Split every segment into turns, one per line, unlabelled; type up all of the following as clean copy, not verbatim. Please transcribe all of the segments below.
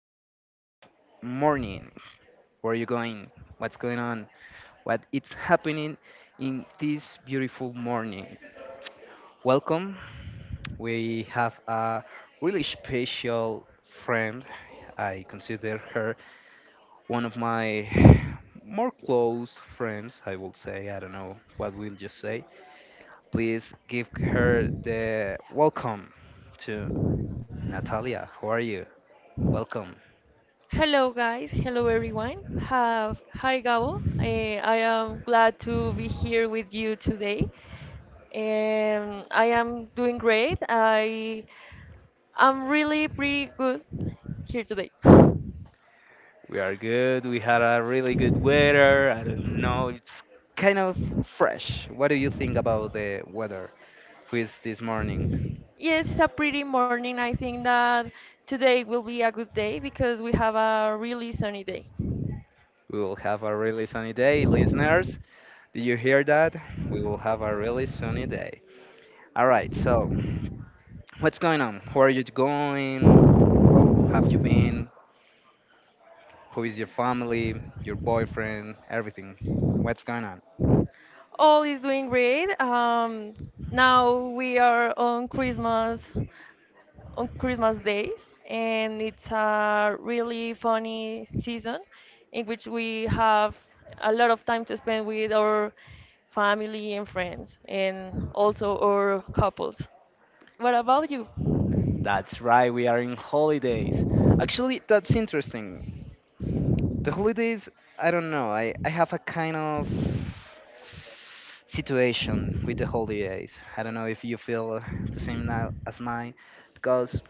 to Gav Morning. Where are you going? What's going on? What it's happening in this beautiful morning? Welcome. We have a really special friend. I consider her one of my more close friends. I will say. I don't know what we'll just say. Please give her the welcome to Natalia. How are you? Welcome.
Hello, guys. Hello, everyone. Hi, Gabo. I am glad to be here with you today. I am doing great. I am really pretty good here today.
We are good. We had a really good weather. I don't know. It's kind of fresh. What do you think about the weather? Please, this morning
Yes, it's a pretty morning. I think that today will be a good day because we have a really sunny day.
we will have a really sunny day, listeners. Did you hear that? We will have a really sunny day. All right. So, what's going on? Where are you going? How have you been? Who is your family? Your boyfriend? Everything. What's going on?
All is doing great. Now we are on Christmas days, and it's a really funny season in which we have a lot of time to spend with our family and friends, and also our couples. What about you?
That's right. We are in holidays. Actually, that's interesting. The holidays, I don't know. I have a kind of situation with the holidays. I don't know if you feel the same now as mine, because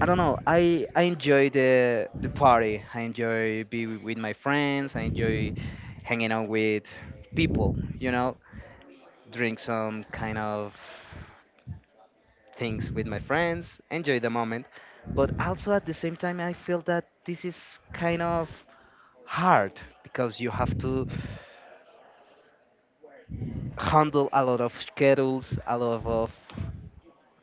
I don't know. I enjoy the party. I enjoy be with my friends. I enjoy hanging out with people. You know, drink some kind of things with my friends. Enjoy the moment, but also at the same time, I feel that this is kind of hard because you have to handle a lot of schedules, a lot of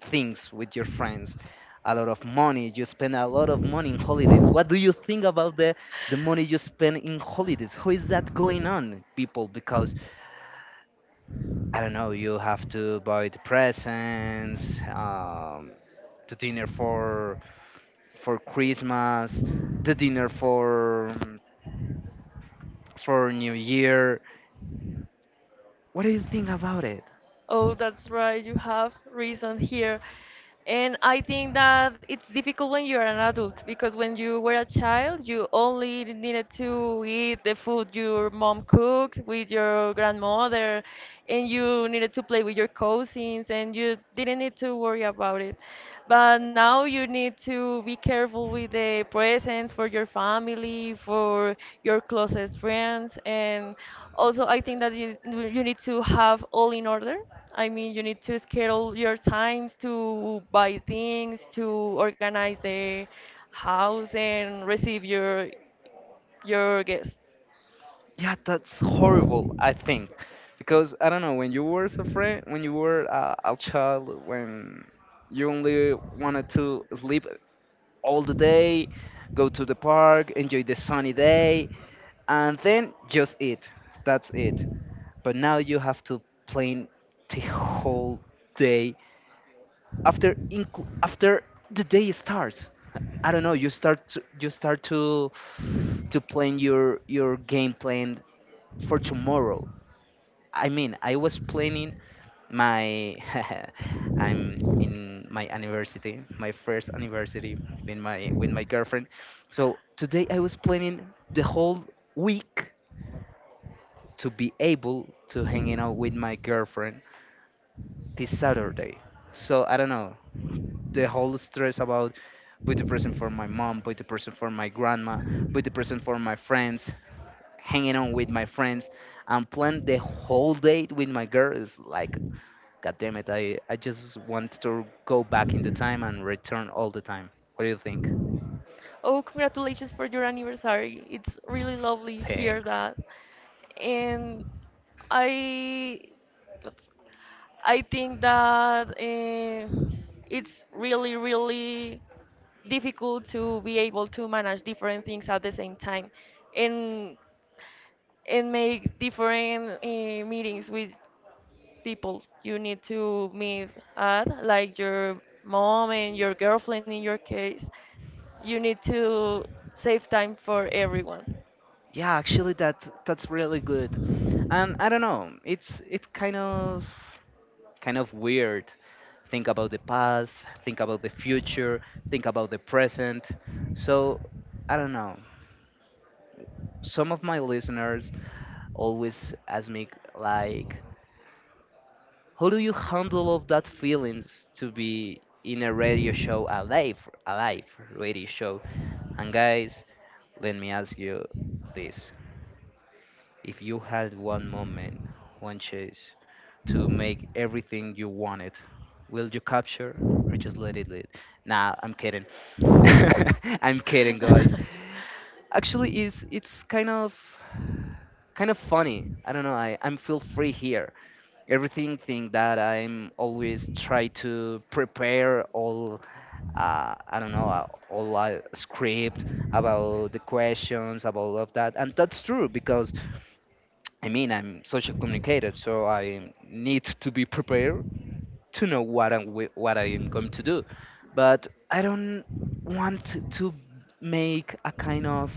things with your friends, a lot of money. You spend a lot of money in holidays. What do you think about the money you spend in holidays? How is that going on, people? Because I don't know, you have to buy the presents, the dinner for Christmas, the dinner for New Year. What do you think about it?
Oh, that's right. You have reason here. And I think that it's difficult when you're an adult because when you were a child, you only needed to eat the food your mom cooked with your grandmother, and you needed to play with your cousins, and you didn't need to worry about it. But now you need to be careful with the presents for your family, for your closest friends, and also I think that you need to have all in order. I mean, you need to schedule your times to buy things, to organize the house, and receive your guests.
Yeah, that's horrible, I think. Because I don't know, when you were a friend, when you were a child, when you only wanted to sleep all the day, go to the park, enjoy the sunny day, and then just eat. That's it. But now you have to plan the whole day after after the day starts. I don't know, you start to plan your game plan for tomorrow. I mean, I was planning my I'm in my anniversary, my first anniversary with my girlfriend. So today I was planning the whole week to be able to hanging out with my girlfriend this Saturday. So I don't know, the whole stress about buy the present for my mom, buy the present for my grandma, buy the present for my friends, hanging out with my friends, and plan the whole date with my girl is like, God damn it, I just want to go back in the time and return all the time. What do you think?
Oh, congratulations for your anniversary! It's really lovely to hear
Thanks.
that, and I I think that it's really, really difficult to be able to manage different things at the same time and and make different meetings with people you need to meet at, like your mom and your girlfriend in your case. You need to save time for everyone.
Yeah, actually that's really good. And I don't know, it's kind of weird. Think about the past, think about the future, think about the present. So I don't know. Some of my listeners always ask me like, how do you handle all that feelings to be in a radio show, a live radio show? And guys, let me ask you this: if you had one moment, one chance to make everything you wanted, will you capture or just let it lead? Nah, I'm kidding. I'm kidding, guys. Actually, it's kind of funny. I don't know. I'm feel free here. Everything thing that I'm always try to prepare all I don't know all script about the questions about all of that, and that's true because I mean I'm social communicator, so I need to be prepared to know what I'm what I am going to do. But I don't want to make a kind of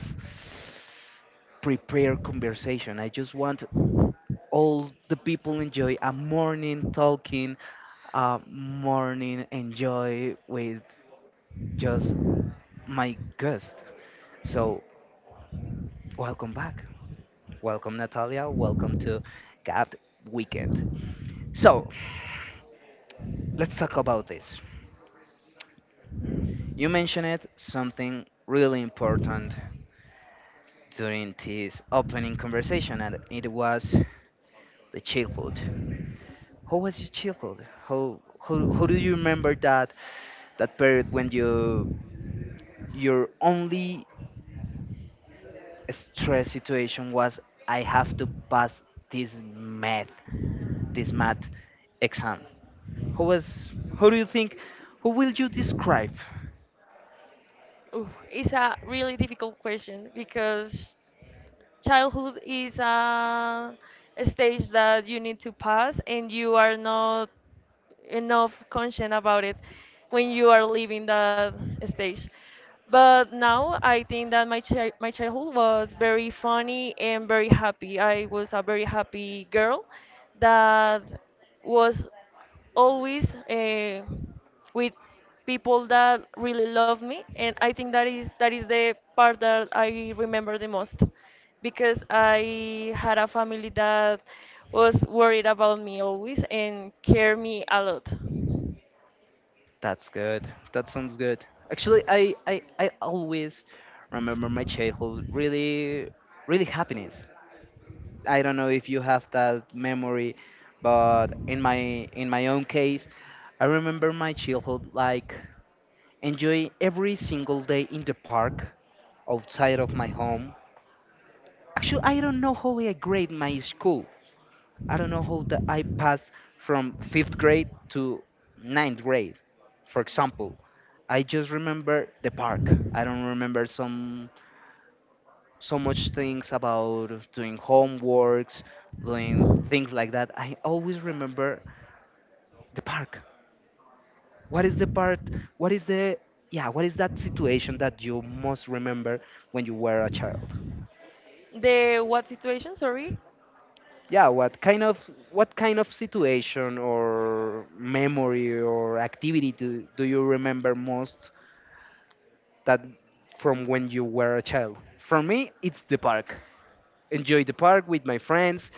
prepare conversation. I just want all the people enjoy a morning talking morning enjoy with just my guest. So, welcome back. Welcome, Natalia. Welcome to Gapped Weekend. So, let's talk about this. You mentioned it, something really important during this opening conversation, and it was the childhood. How was your childhood? How do you remember that period when you're only stress situation was I have to pass this math, this math exam. Who was? Who do you think? Who will you describe?
Ooh, it's a really difficult question because childhood is a stage that you need to pass and you are not enough conscious about it when you are leaving that stage, but now I think that my childhood was very funny and very happy. I was a very happy girl that was always with people that really love me, and I think that is the part that I remember the most, because I had a family that was worried about me always and care me a lot.
That's good. That sounds good. Actually, I always remember my childhood really happiness. I don't know if you have that memory, but in my own case, I remember my childhood like enjoying every single day in the park outside of my home. Actually, I don't know how I grade my school. I don't know how that I passed from fifth grade to ninth grade, for example. I just remember the park. I don't remember some so much things about doing homeworks, doing things like that. I always remember the park. What is the part? What is the, yeah? What is that situation that you most remember when you were a child?
The what situation? Sorry.
Yeah, what kind of situation or memory or activity do you remember most that from when you were a child? For me, it's the park. Enjoy the park with my friends,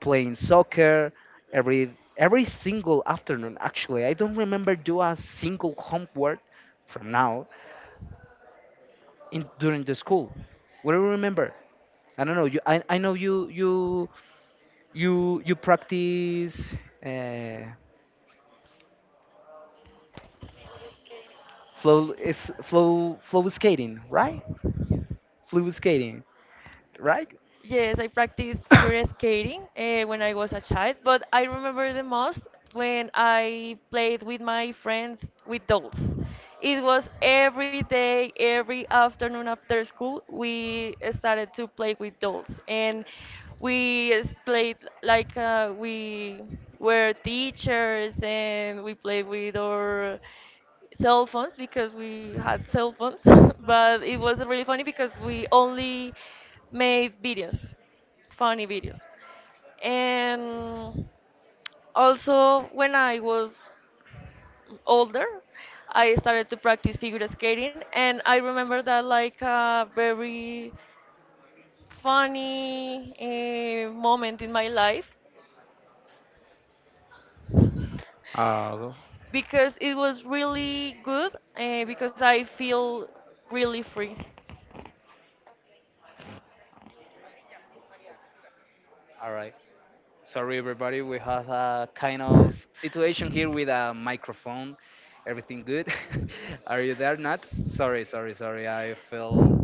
playing soccer every single afternoon. Actually, I don't remember do a single homework from now in during the school. What do you remember? I don't know. I know you practice. Uh, flow skating, right? Flow skating, right?
Yes, I practiced figure skating when I was a child, but I remember the most when I played with my friends with dolls. It was every day, every afternoon after school, we started to play with dolls. And played like we were teachers and we played with our cell phones because we had cell phones, but it was really funny because we only made videos, funny videos. And also, when I was older, I started to practice figure skating, and I remember that like a very funny moment in my life
Uh,
because it was really good because I feel really free.
all right. Sorry, everybody. We have a kind of situation here with a microphone. Everything good? Are you there, Nat? Sorry, sorry, sorry. I feel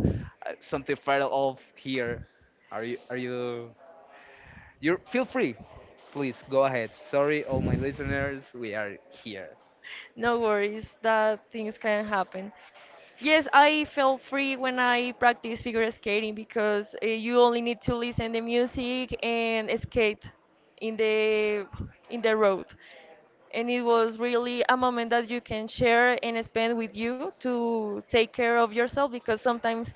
something fell off here. Are you? Are you? You feel free. Please go ahead. Sorry, all my listeners. We are here.
No worries, that things can happen. Yes, I feel free when I practice figure skating because you only need to listen the music and skate in the road. And it was really a moment that you can share and spend with you to take care of yourself, because sometimes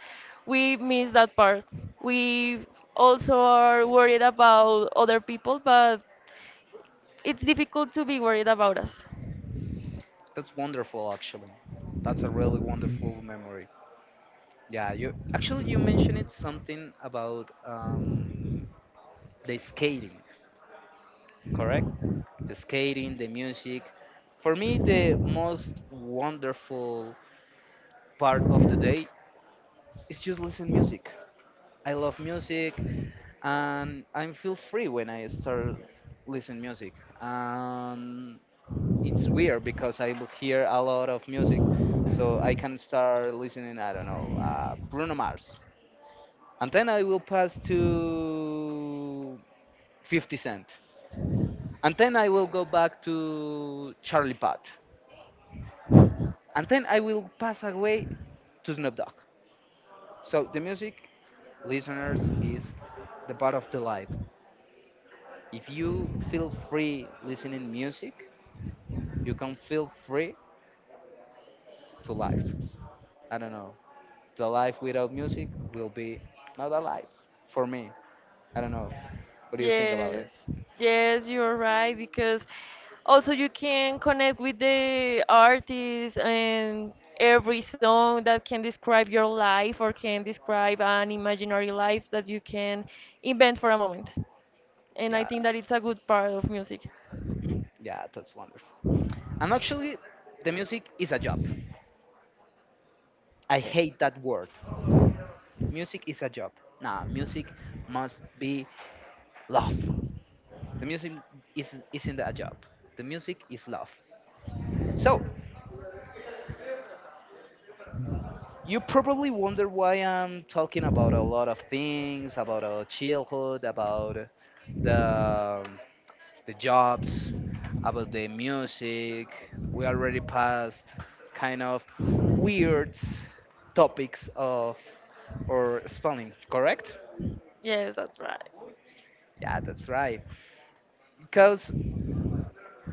we miss that part. We also are worried about other people, but it's difficult to be worried about us.
That's wonderful, actually. That's a really wonderful memory. Yeah, you actually you mentioned it something about the skating, correct? The skating, the music. For me, the most wonderful part of the day is just listen music. I love music, and I feel free when I start listen music. And it's weird because I will hear a lot of music, so I can start listening. I don't know, Bruno Mars, and then I will pass to 50 Cent. And then I will go back to Charlie Puth. And then I will pass away to Snoop Dogg. So the music, listeners, is the part of the life. If you feel free listening music, you can feel free to life. I don't know. The life without music will be not a life for me. I don't know. What do you think about
Yes,
it?
yes, you're right, because also you can connect with the artist, and every song that can describe your life or can describe an imaginary life that you can invent for a moment. And I
Yeah,
think that it's a good part of music.
yeah, that's wonderful. And actually, the music is a job. I hate
Yes,
that word. Music is a job. Nah, music must be love. The music is isn't a job. The music is love. So you probably wonder why I'm talking about a lot of things, about our childhood, about the the jobs, about the music. We already passed kind of weird topics of or spelling, correct?
yes, that's right.
Yeah, that's right. Because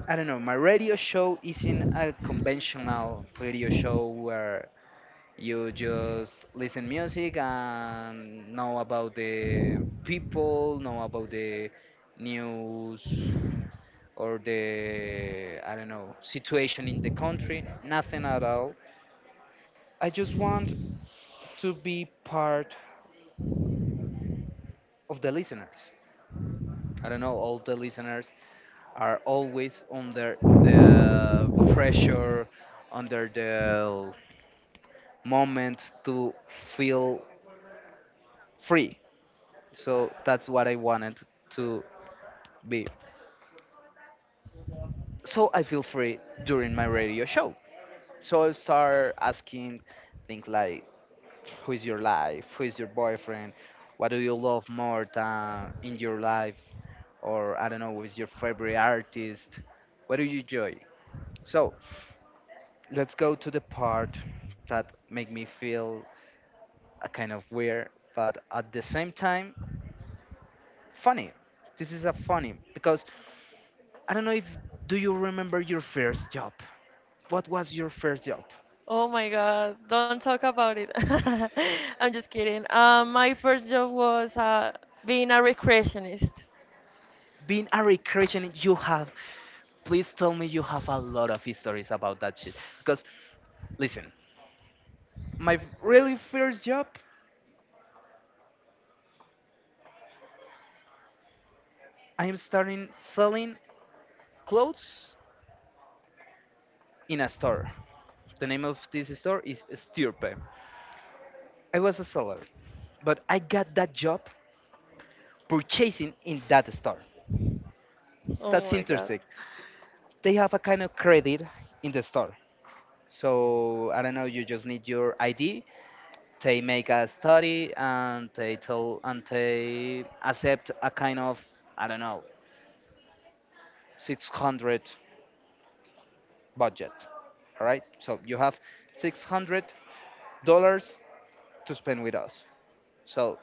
I don't know. My radio show isn't a conventional radio show where you just listen music and know about the people, know about the news or the, I don't know, situation in the country. Nothing at all. I just want to be part of the listeners. I don't know. All the listeners are always under the pressure, under the moment to feel free. So that's what I wanted to be. So I feel free during my radio show. So I start asking things like who is your life, who is your boyfriend, what do you love more than in your life, or I don't know, who is your favorite artist, what do you enjoy? So let's go to the part that make me feel a kind of weird, but at the same time funny. This is a funny because I don't know if do you remember your first job? What was your first job?
Oh my God, don't talk about it. I'm just kidding. My first job was being a recreationist.
Being a recreation, you have. Please tell me you have a lot of histories about that shit because listen, my really first job, I am starting selling clothes in a store. The name of this store is Stirpe. I was a seller, but I got that job purchasing in that store.
Oh
That's
my God.
interesting. They have a kind of credit in the store. So I don't know, you just need your ID. They make a study and they tell and they accept a kind of, I don't know, 600 budget. All right, so you have 600 dollars to spend with us. So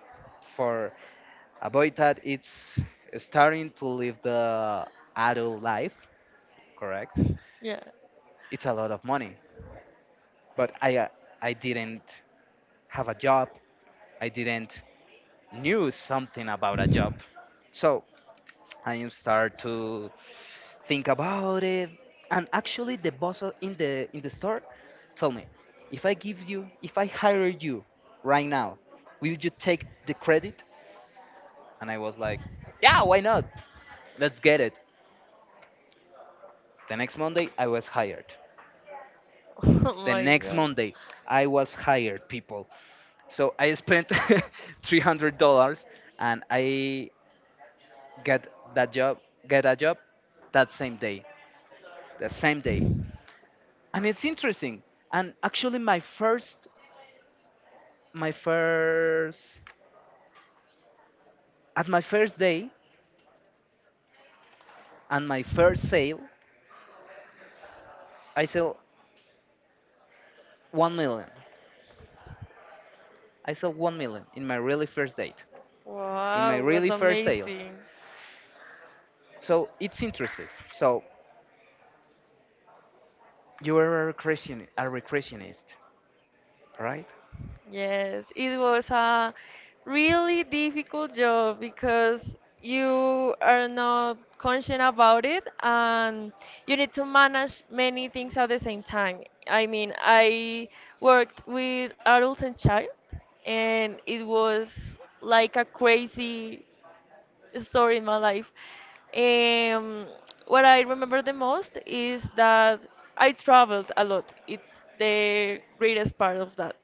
for a boy that it's starting to live the adult life, correct?
Yeah.
It's a lot of money, but I didn't have a job. I didn't knew something about a job. So I start to think about it. And actually, the boss in the store told me, if I hire you right now, will you take the credit? And I was like, yeah, why not? Let's get it. The next Monday, I was hired.
Oh
The
my
next
god.
Monday, I was hired, people. So I spent $300 and I get that job, get a job that same day, the same day. And it's interesting. And actually, my first, at my first day and my first sale, I sell 1 million. I sell 1 million in my really first date, in my
Wow, was
really first sale.
amazing.
So it's interesting. So you are a recreationist, right?
Yes, it was a really difficult job because you are not conscious about it and you need to manage many things at the same time. I mean, I worked with adults and child, and it was like a crazy story in my life. Um, what I remember the most is that I traveled a lot. It's the greatest part of that.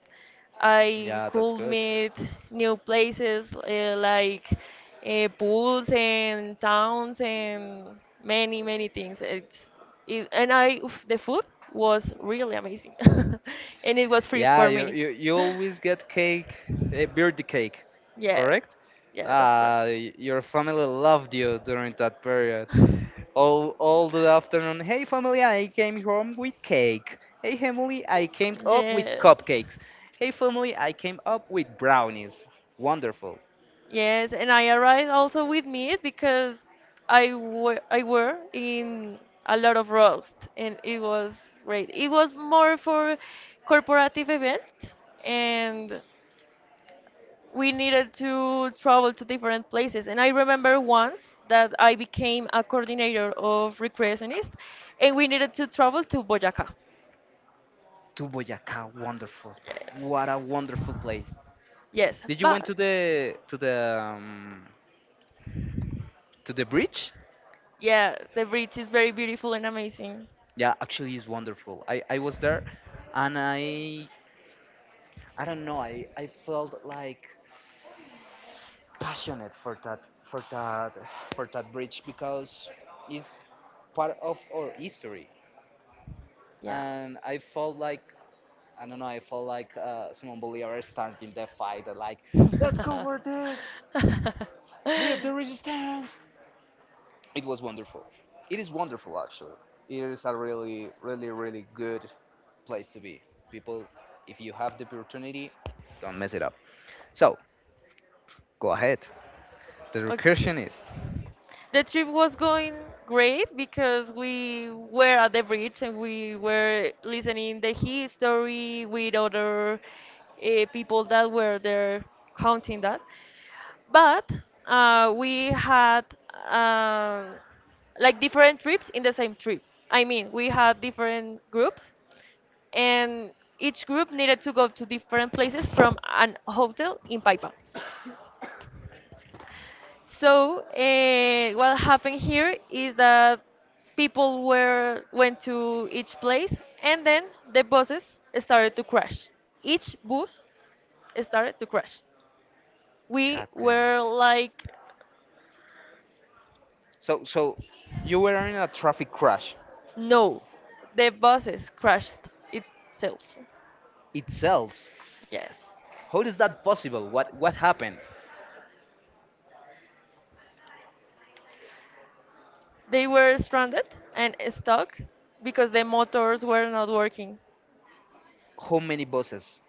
I
Yeah,
could
that's good.
meet new places, like pools and towns and many many things. And I, oof, the food was really amazing, and it was free for
Yeah, you,
me.
you, you always get cake, a birthday cake,
Yeah,
correct?
yeah, that's
Ah, your family loved you during that period all the afternoon. Hey family, I came home with cake. Hey family, I came up with
Yes.
cupcakes. Hey family, I came up with brownies. Wonderful.
Yes, and I arrived also with meat because I were in a lot of roast and it was great. It was more for corporative event, and we needed to travel to different places. And I remember once that I became a coordinator of recreationist and we needed to travel to Boyacá.
To Boyacá, wonderful.
Yes.
What a wonderful place.
Yes,
Did you went
but
to the to the um, to the bridge?
Yeah, the bridge is very beautiful and amazing.
Yeah, actually it's wonderful. I was there and I don't know, I felt like passionate for that for that bridge because it's part of our history.
Yeah.
And I felt like, I don't know, I felt like Simon Bolivar starting the fight like, let's go for this, leave the resistance. It was wonderful. It is wonderful, actually. It is a really, really, really good place to be, people. If you have the opportunity, don't mess it up. So go ahead, the
Okay.
recursionist.
The trip was going great because we were at the bridge and we were listening the history with other people that were there counting that. But we had, um, like, different trips in the same trip. I mean, we had different groups, and each group needed to go to different places from an hotel in Paipa. So what happened here is that people were went to each place, and then the buses started to crash. Each bus started to crash. We
God damn it.
were like
So, you were in a traffic crash
No, the buses crashed itself.
itself.
Yes.
How is that possible? What happened?
They were stranded and stuck because the motors were not working.
How many buses?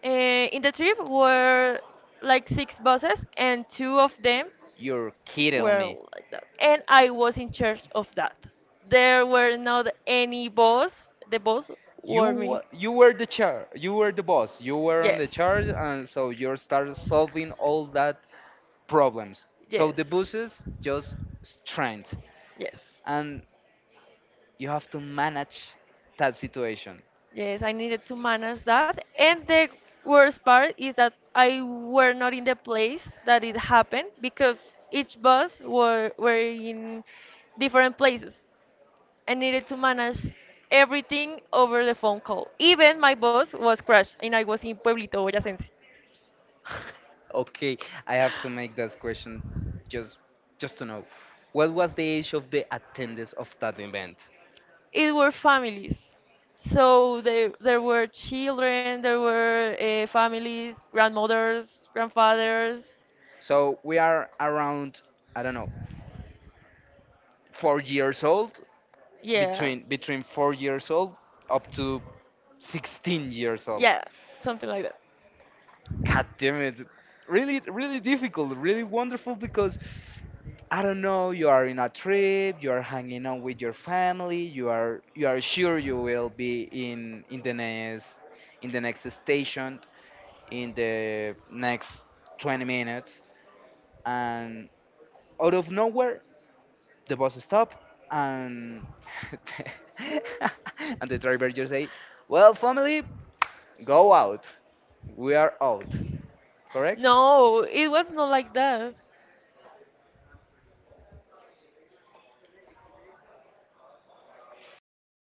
Uh, in the trip were like 6 buses, and two of them
You're kidding
were
me.
like that. And I was in charge of that. There were not any boss. The boss were me.
You were you were the boss, you were on
Yes.
the charge, and so you started solving all that problems. So
Yes.
the buses just strength,
Yes.
and you have to manage that situation.
Yes, I needed to manage that. And the worst part is that I were not in the place that it happened because each bus were in different places, and needed to manage everything over the phone call. Even my boss was crushed, and I was in Pueblito Boyacense.
Okay, I have to make this question just just to know. What was the age of the attendees of that event?
It were families. So there were children, there were families, grandmothers, grandfathers.
So we are around, I don't know, 4 years old,
Yeah,
between 4 years old up to 16 years old.
yeah, something like that.
God damn it! Really, really difficult, really wonderful because I don't know. You are in a trip. You are hanging out with your family. You are sure you will be in the next station in the next 20 minutes, and out of nowhere the bus stop and and the driver just say, well family, go out, we are out, correct
No, it was not like that.